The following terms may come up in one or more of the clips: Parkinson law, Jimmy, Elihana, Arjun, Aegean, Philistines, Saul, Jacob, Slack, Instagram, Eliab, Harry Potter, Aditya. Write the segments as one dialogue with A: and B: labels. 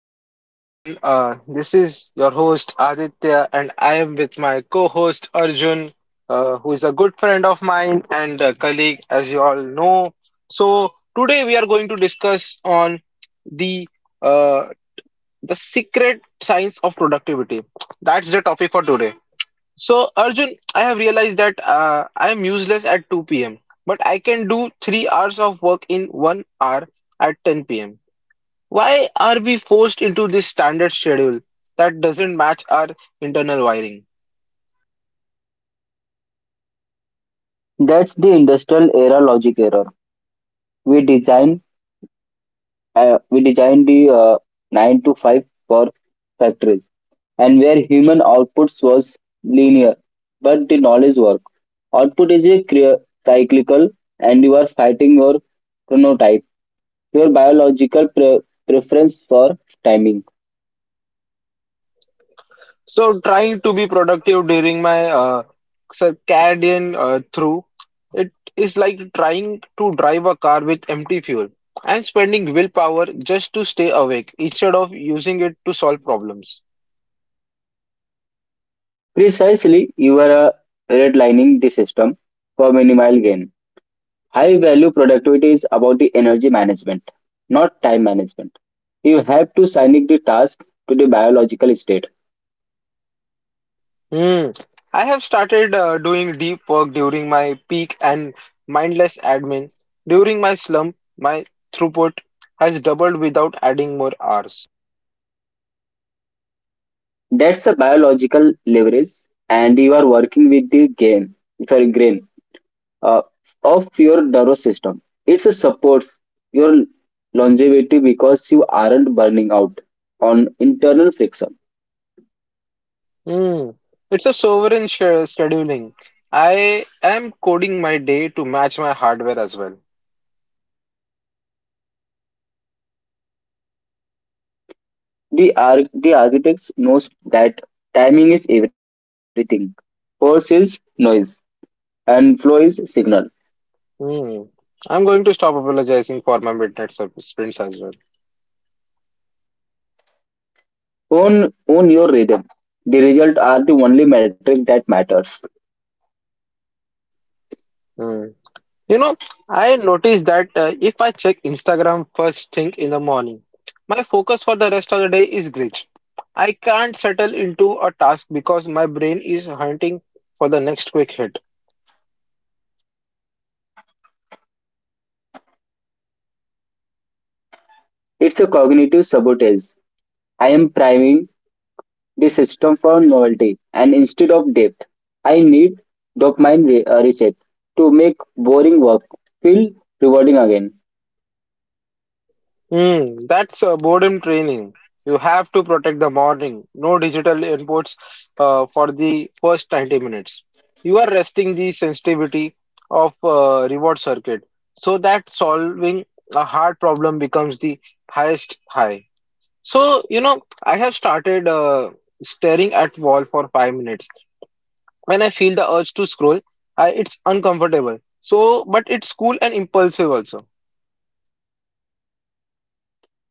A: back, everyone. This is your host Aditya, and I am with my co-host Arjun, who is a good friend of mine and a colleague, as you all know. So, today we are going to discuss on the uh, the secret science of productivity. That's the topic for today. So, Arjun, I have realized that I am useless at 2 p.m., but I can do 3 hours of work in one hour at 10 p.m. Why are we forced into this standard schedule that doesn't match our internal wiring?
B: That's the industrial era logic error. We design, we designed the nine to five for factories, and where human outputs was linear, but the knowledge work output is a cyclical, and you are fighting your chronotype, your biological preference for timing.
A: So, trying to be productive during my circadian through it is like trying to drive a car with empty fuel. I'm spending willpower just to stay awake instead of using it to solve problems.
B: Precisely, you are redlining the system for minimal gain. High value productivity is about the energy management, not time management. You have to sync the task to the biological state.
A: Hmm. I have started doing deep work during my peak and mindless admin. During my slump, my throughput has doubled without adding more hours.
B: That's a biological leverage, and you are working with the gain, sorry, grain uh, of your nervous system. It supports your longevity because you aren't burning out on internal friction.
A: Hmm. It's a sovereign sh scheduling. I am coding my day to match my hardware as well.
B: The architects knows that timing is everything. Force is noise and flow is signal.
A: Hmm. I'm going to stop apologizing for my midnight sprints as
B: Own your rhythm. The results are the only metric that matters.
A: well. You know, I noticed that if I check Instagram first thing in the morning, my focus for the rest of the day is glitch. I can't settle into a task because my brain is hunting for the next quick hit.
B: It's a cognitive sabotage. I am priming the system for novelty and instead of depth. I need dopamine reset to make boring work feel rewarding again.
A: That's boredom training. You have to protect the morning. No digital inputs for the first 90 minutes. You are resting the sensitivity of reward circuit so that solving a hard problem becomes the highest high. So, I have started staring at wall for 5 minutes. When I feel the urge to scroll, it's uncomfortable. So, but it's cool and impulsive also.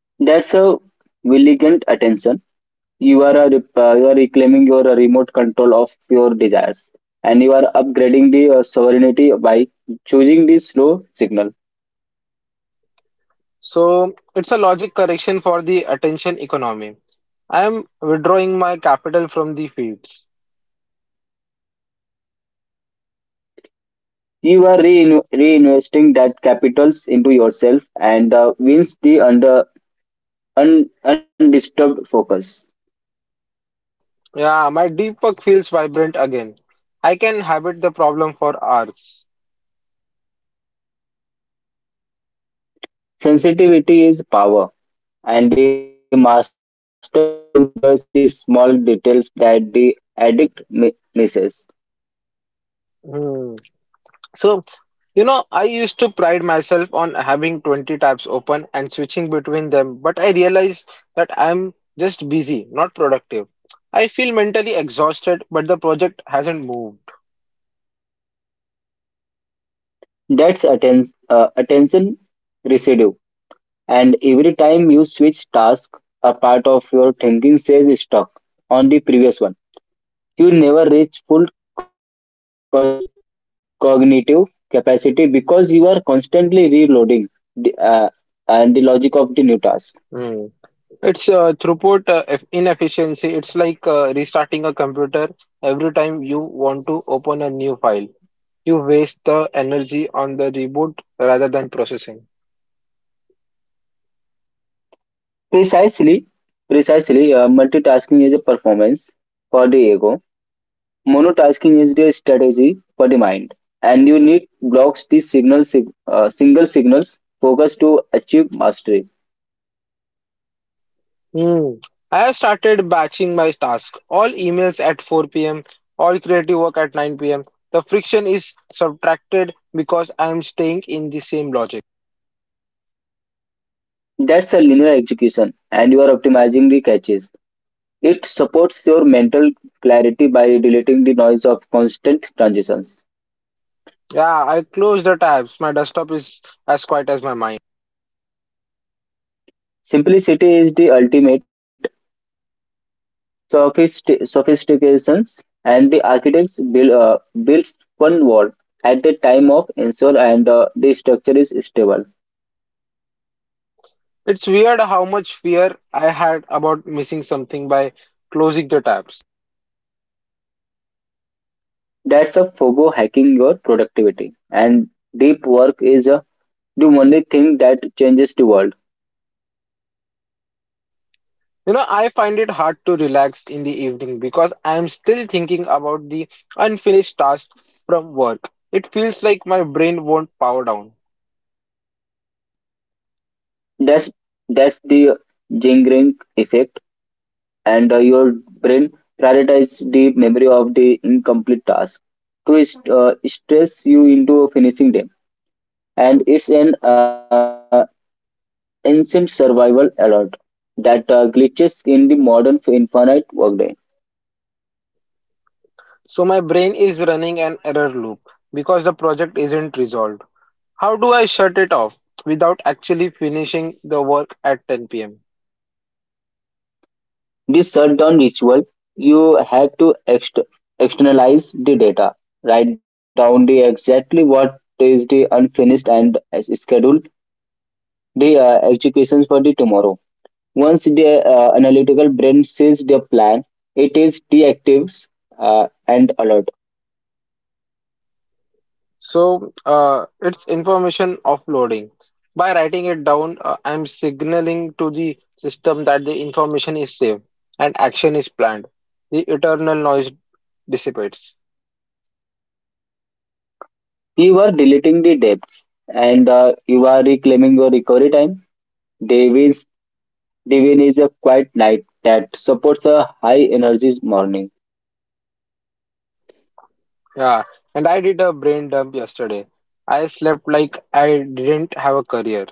B: That's a vigilant attention. You are reclaiming your remote control of your desires and you are upgrading the sovereignty by choosing the slow signal.
A: So, it's a logic correction for the attention economy. I am withdrawing my capital from the feeds.
B: You are reinvesting that capitals into yourself and wins the undisturbed focus.
A: Yeah, my deepak feels vibrant again. I can habit the problem for hours.
B: Sensitivity is power, and the master enjoys the small details that the addict misses.
A: Hmm. So I used to pride myself on having 20 tabs open and switching between them, but I realize that I'm just busy, not productive. I feel mentally exhausted, but the project hasn't moved.
B: That's attention residue, and every time you switch task, a part of your thinking says stuck on the previous one. You never reach full cognitive capacity because you are constantly reloading the, uh, and the logic of the new task.
A: Hmm. It's throughput inefficiency. It's like restarting a computer every time you want to open a new file. You waste the energy on the reboot rather than processing.
B: Precisely, precisely, multitasking is a performance for the ego. Monotasking is the strategy for the mind, and you need blocks the signal single signals focus to achieve mastery.
A: Hmm. I have started batching my task. All emails at 4 p.m., all creative work at 9 p.m. The friction is subtracted because I am staying in the same logic.
B: That's a linear execution, and you are optimizing the catches. It supports your mental clarity by deleting the noise of constant transitions.
A: Yeah, I close the tabs. My desktop is as quiet as my mind.
B: Simplicity is the ultimate sophistication, and the architects builds one wall at the time of install, and the structure is stable.
A: It's weird how much fear I had about missing something by closing the tabs.
B: That's a FOGO hacking your productivity, and deep work is the only thing that changes the world.
A: I find it hard to relax in the evening because I am still thinking about the unfinished task from work. It feels like my brain won't power down.
B: That's that's the jingling effect, and your brain prioritizes the memory of the incomplete task to stress you into finishing them and it's an ancient survival alert that glitches in the modern infinite workday.
A: So my brain is running an error loop because the project isn't resolved. How do I shut it off without actually finishing the work at 10 p.m.?
B: This shutdown ritual, you have to externalize the data, write down the exactly what is the unfinished and as schedule the executions for the tomorrow. Once the analytical brain sees the plan, it is deactives and alert.
A: So it's information offloading. By writing it down, I'm signaling to the system that the information is safe and action is planned. The eternal noise dissipates.
B: You are deleting the debts and you are reclaiming your recovery time. They will Divine is a quiet light that supports a high energy morning.
A: Yeah, and I did a brain dump yesterday. I slept like I didn't have a career.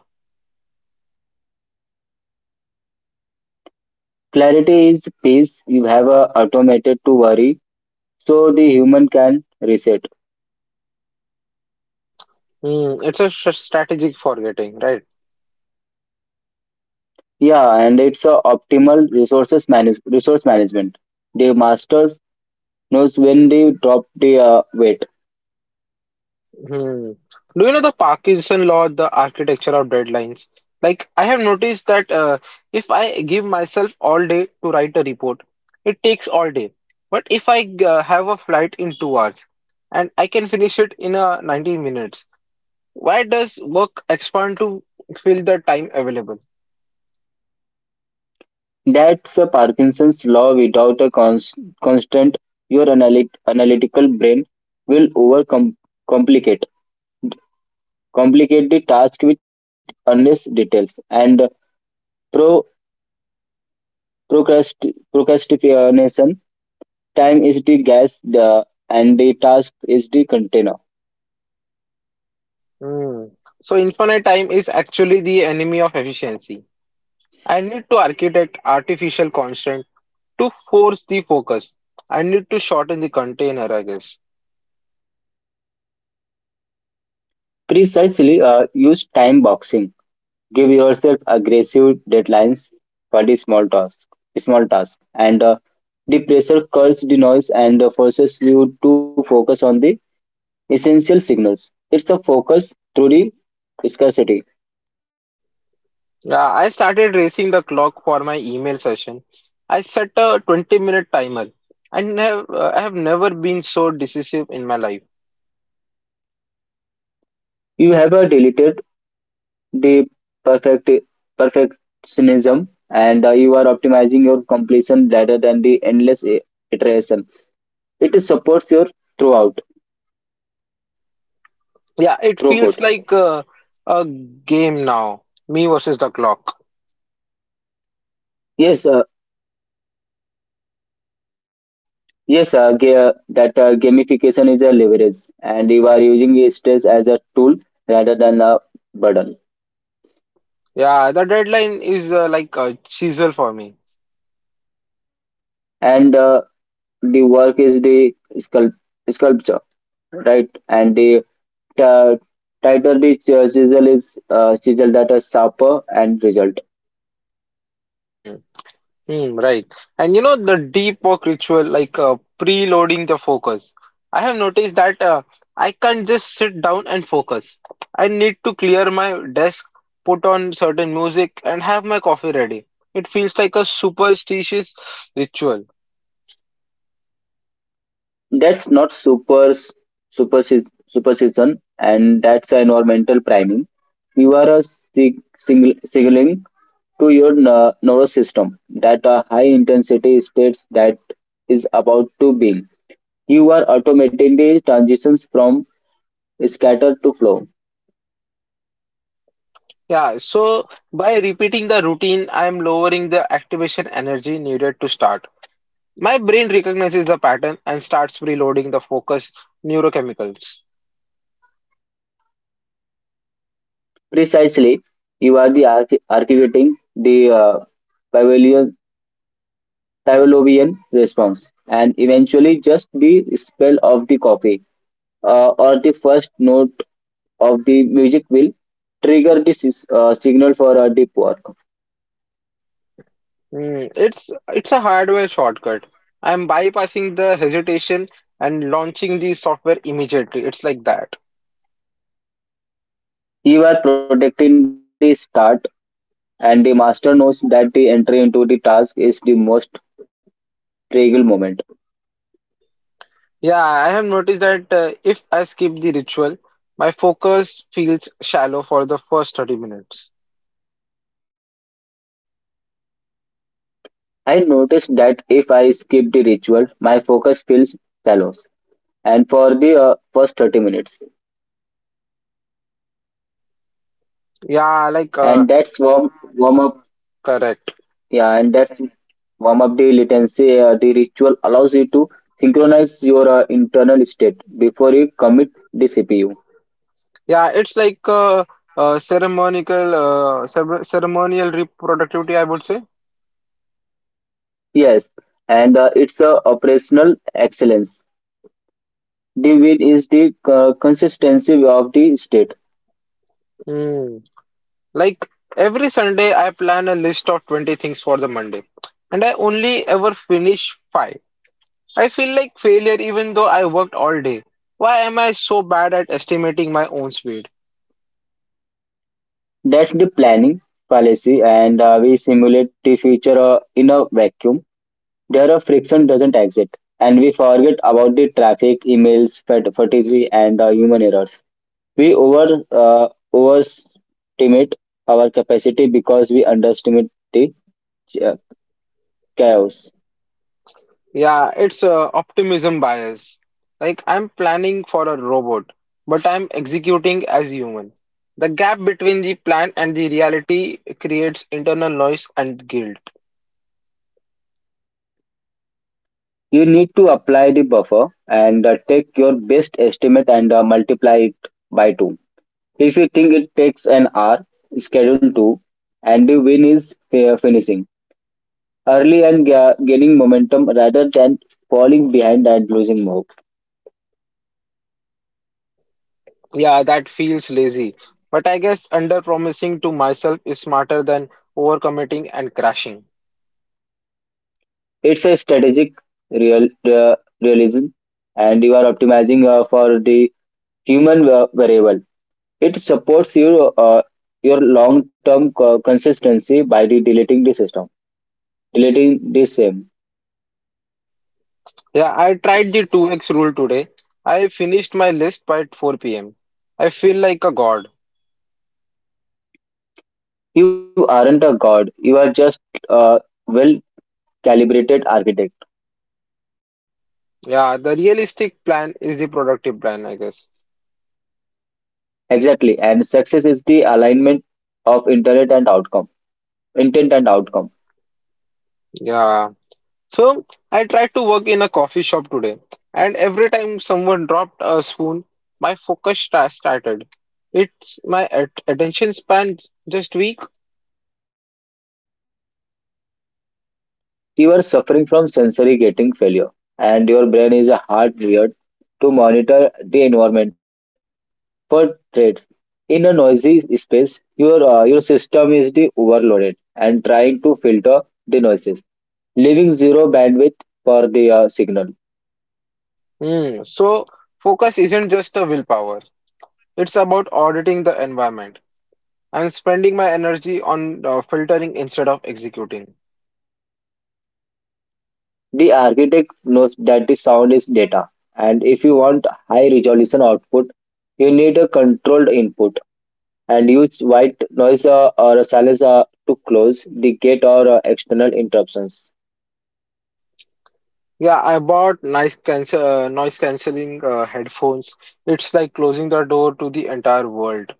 B: Clarity is peace. You have a automated to worry, so the human can reset.
A: Hmm, it's a strategic forgetting, right?
B: Yeah, and it's a optimal resources manage resource management. The masters knows when they drop the weight.
A: Hmm. Do you know the Parkinson law, the architecture of deadlines? Like, I have noticed that if I give myself all day to write a report, it takes all day. But if I have a flight in 2 hours and I can finish it in 90 minutes, why does work expand to fill the time available?
B: That's a Parkinson's law. Without a constant, your analytical brain will overcomplicate complicate the task with endless details and Procrast procrastination time is the gas the, and the task is the container.
A: Hmm. So, infinite time is actually the enemy of efficiency. I need to architect artificial constraints to force the focus. I need to shorten the container, I guess.
B: Precisely, use time boxing, give yourself aggressive deadlines for the small task and the pressure curls the noise and forces you to focus on the essential signals. It's a focus through the scarcity.
A: Yeah, I started racing the clock for my email session. I set a 20-minute timer and I have never been so decisive in my life.
B: You have a deleted the perfect perfectionism and you are optimizing your completion rather than the endless iteration. It supports your throughout
A: Yeah, it feels
B: throughput.
A: like a game now, me versus the clock.
B: Yes uh, yes uh, ga- that uh, gamification is a leverage and you are using the stress as a tool rather than a burden.
A: Yeah, the deadline is like a chisel for me.
B: And the work is the sculpt, sculpture, right? And the uh, tighter the chisel, that is sharper and result.
A: Hmm. Right. And you know, the deep work ritual, like preloading the focus. I have noticed that I can't just sit down and focus. I need to clear my desk, put on certain music, and have my coffee ready. It feels like a superstitious ritual.
B: That's not superstition, and that's environmental priming. You are a signaling to your nervous system that a high intensity states that is about to be. You are automatically transitions from scatter to flow.
A: Yeah, so by repeating the routine, I am lowering the activation energy needed to start. My brain recognizes the pattern and starts preloading the focus neurochemicals.
B: Precisely, you are the architecting the Pavlovian Pavlovian response and eventually just the spell of the coffee or the first note of the music will trigger the signal for a deep work.
A: It's a hardware shortcut. I'm bypassing the hesitation and launching the software immediately. It's like that.
B: You are protecting the start, and the master knows that the entry into the task is the most critical moment.
A: Yeah, I have noticed that if I skip the ritual, my focus feels shallow for the first 30 minutes.
B: I noticed that if I skip the ritual, my focus feels shallow, and for the first 30 minutes,
A: Yeah, like uh,
B: and that's warm up.
A: correct.
B: Yeah, and that warm up day latency, the ritual allows you to synchronize your internal state before you commit the CPU.
A: Yeah, it's like ceremonial reproductivity, I would say.
B: Yes, and it's a operational excellence. The win is the consistency of the state.
A: Hmm. Like every Sunday, I plan a list of 20 things for the Monday, and I only ever finish five. I feel like failure even though I worked all day. Why am I so bad at estimating my own speed?
B: That's the planning fallacy, and we simulate the future in a vacuum. There a friction doesn't exist, and we forget about the traffic, emails, fatigue, and human errors. We overestimate our capacity because we underestimate the cha- chaos.
A: Yeah, it's a optimism bias. Like I'm planning for a robot, but I'm executing as human. The gap between the plan and the reality creates internal noise and guilt.
B: You need to apply the buffer and take your best estimate and multiply it by two. If you think it takes an hour, schedule two, and the win is finishing early and gaining momentum rather than falling behind and losing hope.
A: Yeah, that feels lazy. But I guess under promising to myself is smarter than overcommitting and crashing.
B: It's a strategic real uh, realism, and you are optimizing for the human variable. It supports your long term consistency by deleting the system, deleting the same.
A: Yeah, I tried the 2x rule today. I finished my list by 4 p.m. I feel like a god.
B: You aren't a god. You are just a well calibrated architect.
A: Yeah, the realistic plan is the productive plan, I guess.
B: Exactly. And success is the alignment of intent and outcome. Intent and outcome.
A: Yeah. So I tried to work in a coffee shop today, and every time someone dropped a spoon, my started. It's my at attention span just weak.
B: You are suffering from sensory gating failure, and your brain is a hardwired to monitor the environment for threads. In a noisy space, your system is the overloaded and trying to filter the noises, leaving zero bandwidth for the signal.
A: Hmm. So focus isn't just a willpower. It's about auditing the environment. I'm spending my energy on filtering instead of executing.
B: The architect knows that the sound is data, and if you want high resolution output, you need a controlled input and use white noise or silence to close the gate or external interruptions.
A: Yeah, I bought nice cancel noise cancelling headphones. It's like closing the door to the entire world.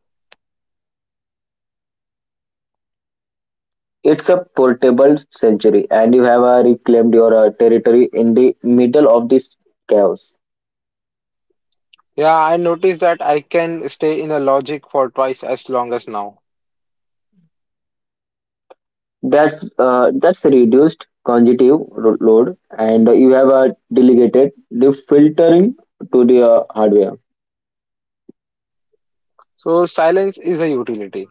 B: It's a portable sanctuary, and you have reclaimed your territory in the middle of this chaos.
A: Yeah, I noticed that I can stay in a logic for twice as long as now.
B: That's reduced cognitive load, and you have delegated the filtering to the hardware.
A: So silence is a utility.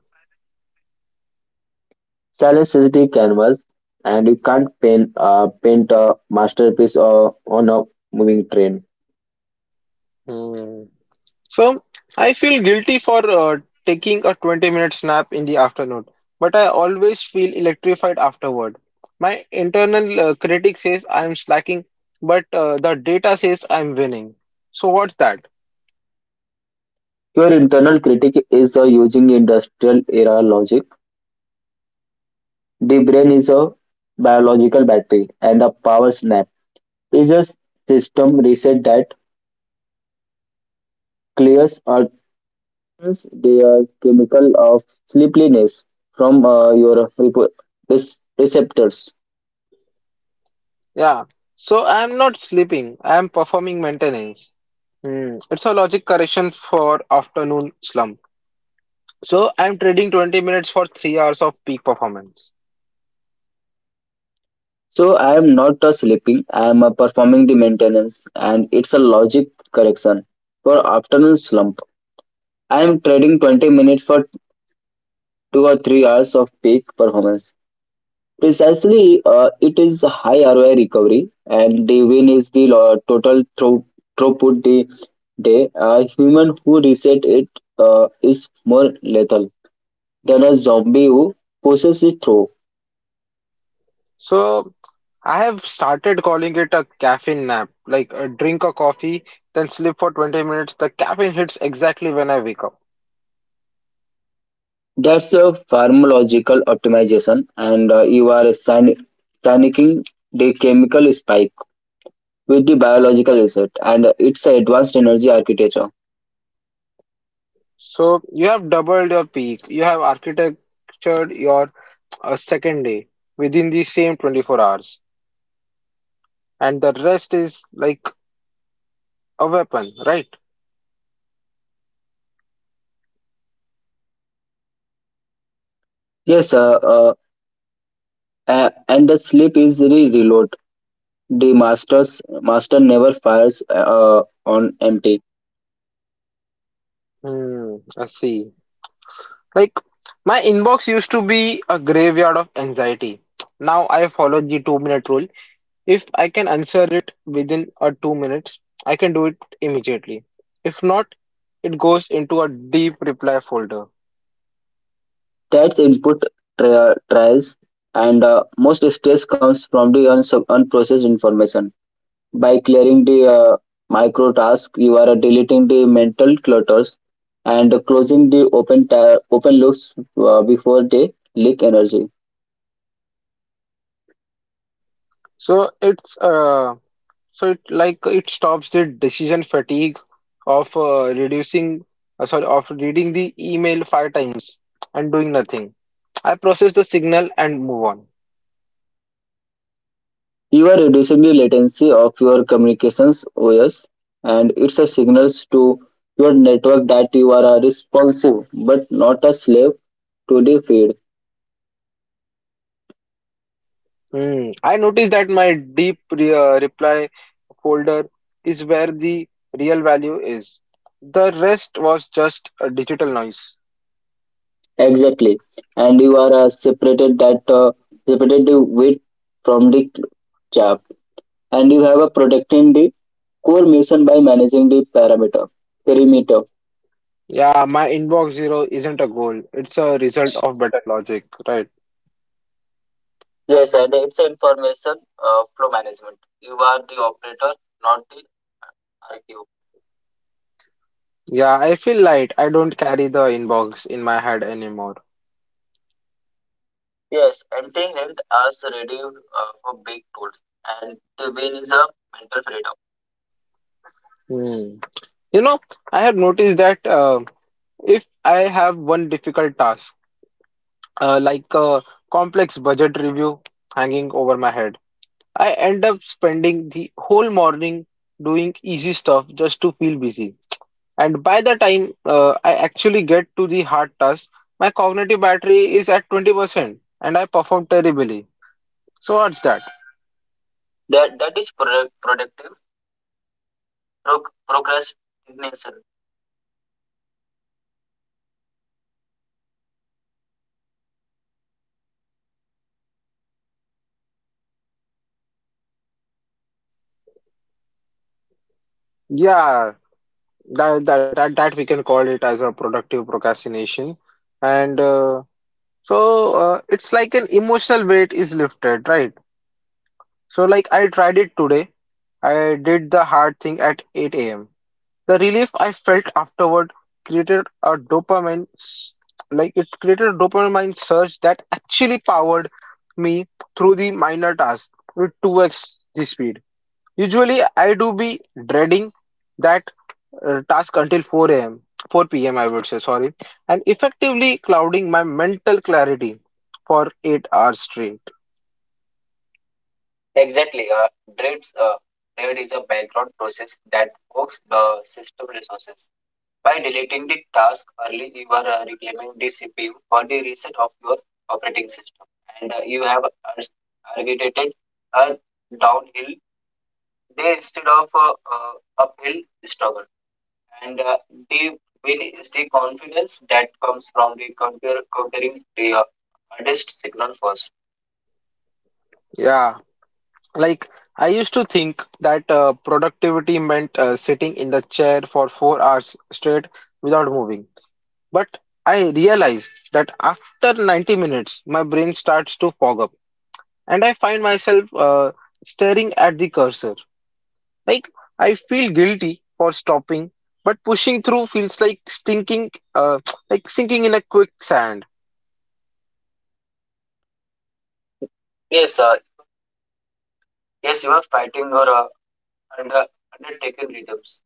B: Silence is the canvas, and you can't paint a masterpiece on a moving train.
A: Hmm. So I feel guilty for taking a 20-minute nap in the afternoon, but I always feel electrified afterward. My internal critic says I'm slacking, but the data says I'm winning. So what's that?
B: Your internal critic is using industrial era logic. The brain is a biological battery and a power snap is a system reset that clears or turns the chemical of sleepiness from your receptors.
A: Yeah. So I'm not sleeping. I'm performing maintenance. Hmm. It's a logic correction for afternoon slump. So I'm trading 20 minutes for 3 hours of peak performance.
B: So I am not sleeping. I am performing the maintenance, and it's a logic correction for afternoon slump. I am trading 20 minutes for 2 or 3 hours of peak performance. Precisely, it is a high ROI recovery, and the win is the total throughput the day. A human who reset it is more lethal than a zombie who pushes it through.
A: So I have started calling it a caffeine nap. Like drink a coffee, then sleep for 20 minutes. The caffeine hits exactly when I wake up.
B: That's a pharmacological optimization, and you are signing the chemical spike with the biological reset, and it's an advanced energy architecture.
A: So you have doubled your peak. You have architectured your second day within the same 24 hours. And the rest is like a weapon, right?
B: Yes, uh, uh, and the sleep is the reload. The master's master never fires on empty.
A: Hmm, I see. Like my inbox used to be a graveyard of anxiety. Now I follow the 2 minute rule. If I can answer it within a 2 minutes, I can do it immediately. If not, it goes into a deep reply folder.
B: That's input trials, and most stress comes from the unprocessed information. By clearing the micro task, you are deleting the mental clutters and closing the open loops before they leak energy.
A: So it's uh so it like it stops the decision fatigue of reducing sorry of reading the email five times and doing nothing. I process the signal and move on.
B: You are reducing the latency of your communications OS and it's a signals to your network that you are a responsive but not a slave to the feed.
A: Hmm. I noticed that my deep re reply folder is where the real value is. The rest was just a digital noise.
B: Exactly. And you are separated the wheat from the chaff. And you have a protecting the core mission by managing the parameter perimeter.
A: Yeah, my inbox zero isn't a goal. It's a result of better logic, right?
B: Yes, and it's information flow management. You are the operator, not the RQ.
A: Yeah, I feel light. I don't carry the inbox in my head anymore.
B: Yes, emptying it as ready for big goals, and the win is a mental freedom.
A: Hmm. You know, I have noticed that if I have one difficult task, like a complex budget review hanging over my head, I end up spending the whole morning doing easy stuff just to feel busy. And by the time I actually get to the hard task, my cognitive battery is at 20% and I perform terribly. So what's that?
B: That is productive pro- procrastination.
A: Yeah, that we can call it as a productive procrastination. And it's like an emotional weight is lifted, right? So like I tried it today. I did the hard thing at 8 a.m. The relief I felt afterward created a dopamine, s- like it created a dopamine surge that actually powered me through the minor tasks with 2x the speed. Usually, I do be dreading that task until 4 p.m., I would say, sorry, and effectively clouding my mental clarity for 8 hours straight.
B: Exactly, dreads, uh, dread is a background process that works the system resources. By deleting the task early, you are reclaiming the CPU for the reset of your operating system, and you have ars- targeted a downhill day instead of uphill struggle. And they will is the confidence that comes from the conquering the hardest signal first.
A: Yeah. Like, I used to think that productivity meant sitting in the chair for 4 hours straight without moving. But I realized that after 90 minutes, my brain starts to fog up and I find myself staring at the cursor. Like, I feel guilty for stopping, but pushing through feels like stinking, like sinking in a quicksand.
B: Yes, uh, yes, you are fighting your under, undertaken rhythms,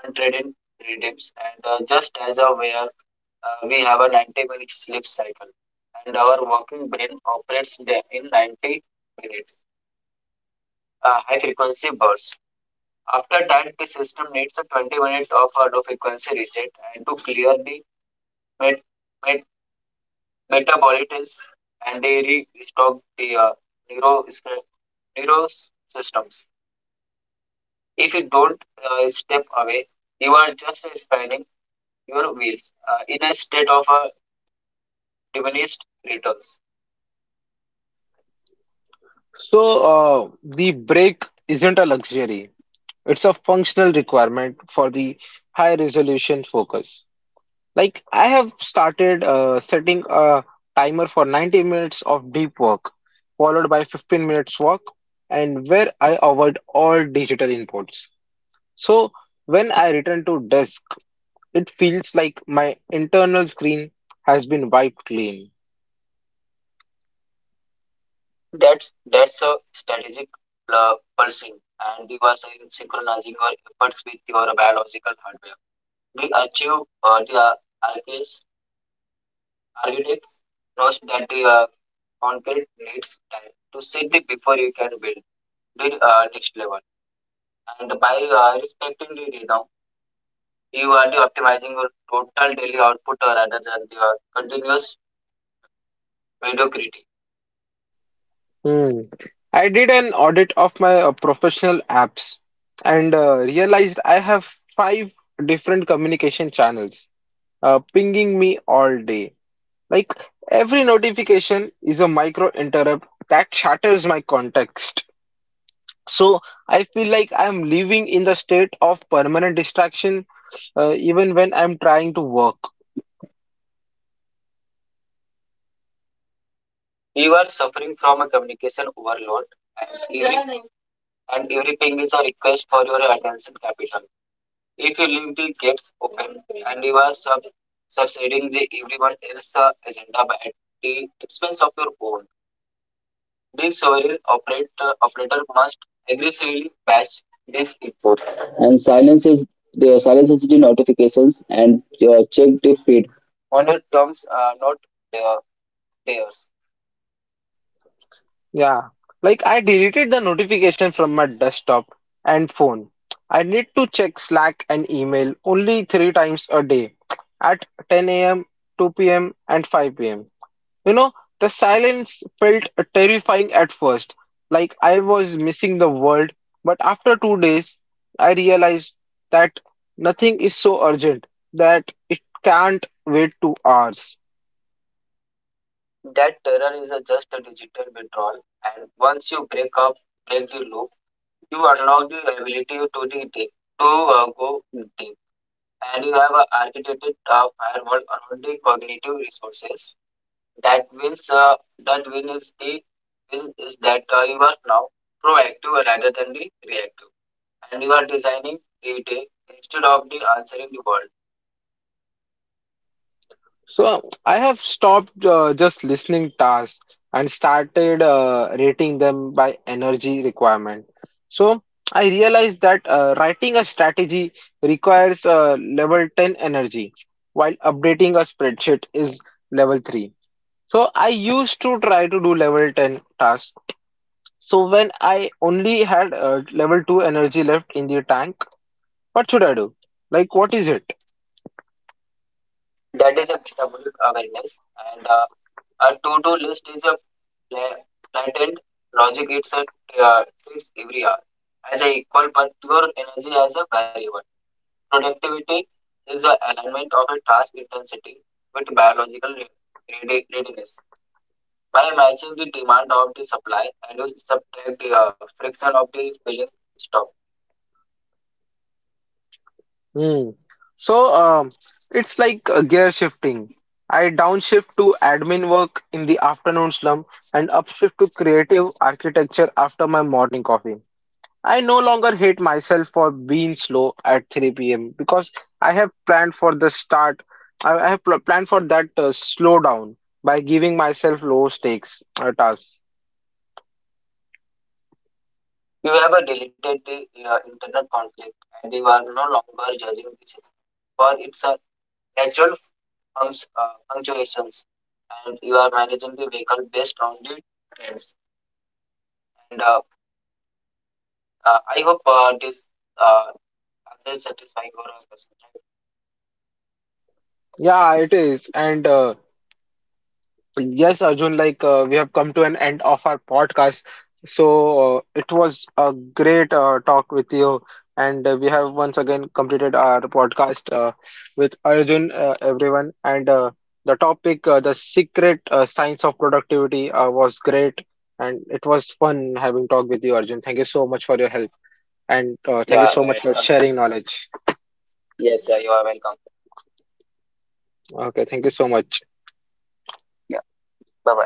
B: untraded rhythms, and just as a way of, we have a 90-minute sleep cycle, and our working brain operates in 90 minutes, high frequency bursts. After that, the system needs a 20 minute of a low frequency reset and to clear the med- metabolites, and they restock the neuro, neuro systems. If you don't step away, you are just spinning your wheels in a state of diminished returns.
A: So, the break isn't a luxury. It's a functional requirement for the high resolution focus. Like I have started setting a timer for 90 minutes of deep work, followed by 15 minutes walk, and where I avoid all digital inputs. So when I return to desk, it feels like my internal screen has been wiped clean.
B: That's a strategic pulsing, and you are synchronizing your efforts with your biological hardware. We achieve the architects, architects knows that the concrete needs time to sit before you can build the next level. And by respecting the rhythm, you are the optimizing your total daily output rather than your continuous mediocrity.
A: Hmm. I did an audit of my professional apps and realized I have five different communication channels pinging me all day. Like every notification is a micro interrupt that shatters my context. So I feel like I'm living in the state of permanent distraction even when I'm trying to work.
B: You are suffering from a communication overload, and every ping is a request for your attention capital. If you leave the gates open and you are subsiding the everyone else's agenda at the expense of your own, this operator must aggressively patch this input and silences the notifications and check the feed. On your terms, are not their pairs.
A: Yeah, like I deleted the notification from my desktop and phone. I need to check Slack and email only 3 times a day at 10 a.m., 2 p.m., and 5 p.m. You know, the silence felt terrifying at first, like I was missing the world. But after 2 days, I realized that nothing is so urgent that it can't wait 2 hours.
B: That terror is a just a digital withdrawal, and once you break the loop, you unlock the ability to the to go deep. And you have architected a firewall around the cognitive resources. That means that win is the win is that you are now proactive rather than the reactive, and you are designing the day instead of the answering the world.
A: So I have stopped just listening tasks and started rating them by energy requirement. So I realized that writing a strategy requires level 10 energy, while updating a spreadsheet is level 3. So I used to try to do level 10 tasks. So when I only had level 2 energy left in the tank, what should I do? Like, what is it?
B: That is a metabolic awareness, and a to-do list is a pla- planned logic. Uh, it's every hour as a equal, but your energy as a variable. Productivity is the alignment of a task intensity with biological readiness. By matching the demand of the supply and you subtract the friction of the filling stock,
A: Hmm. So, it's like a gear shifting. I downshift to admin work in the afternoon slump and upshift to creative architecture after my morning coffee. I no longer hate myself for being slow at 3 p.m. because I have planned for the start. I have pl planned for that slowdown by giving myself low stakes tasks.
B: you have a deleted the internal conflict and you are no longer judging the system for its natural punctuations and you are managing the vehicle based on the trends. And I hope this uh, answer satisfying your question.
A: Yeah, it is. And Yes, Arjun, like we have come to an end of our podcast. So it was a great talk with you, and we have once again completed our podcast with Arjun, everyone. And the topic, the secret science of productivity, was great, and it was fun having talk with you, Arjun. Thank you so much for your help, and thank you
B: Yeah, and,
A: so much for
B: uh,
A: sharing knowledge.
B: Yes, you are welcome.
A: Okay, thank you so much.
B: Yeah, bye bye.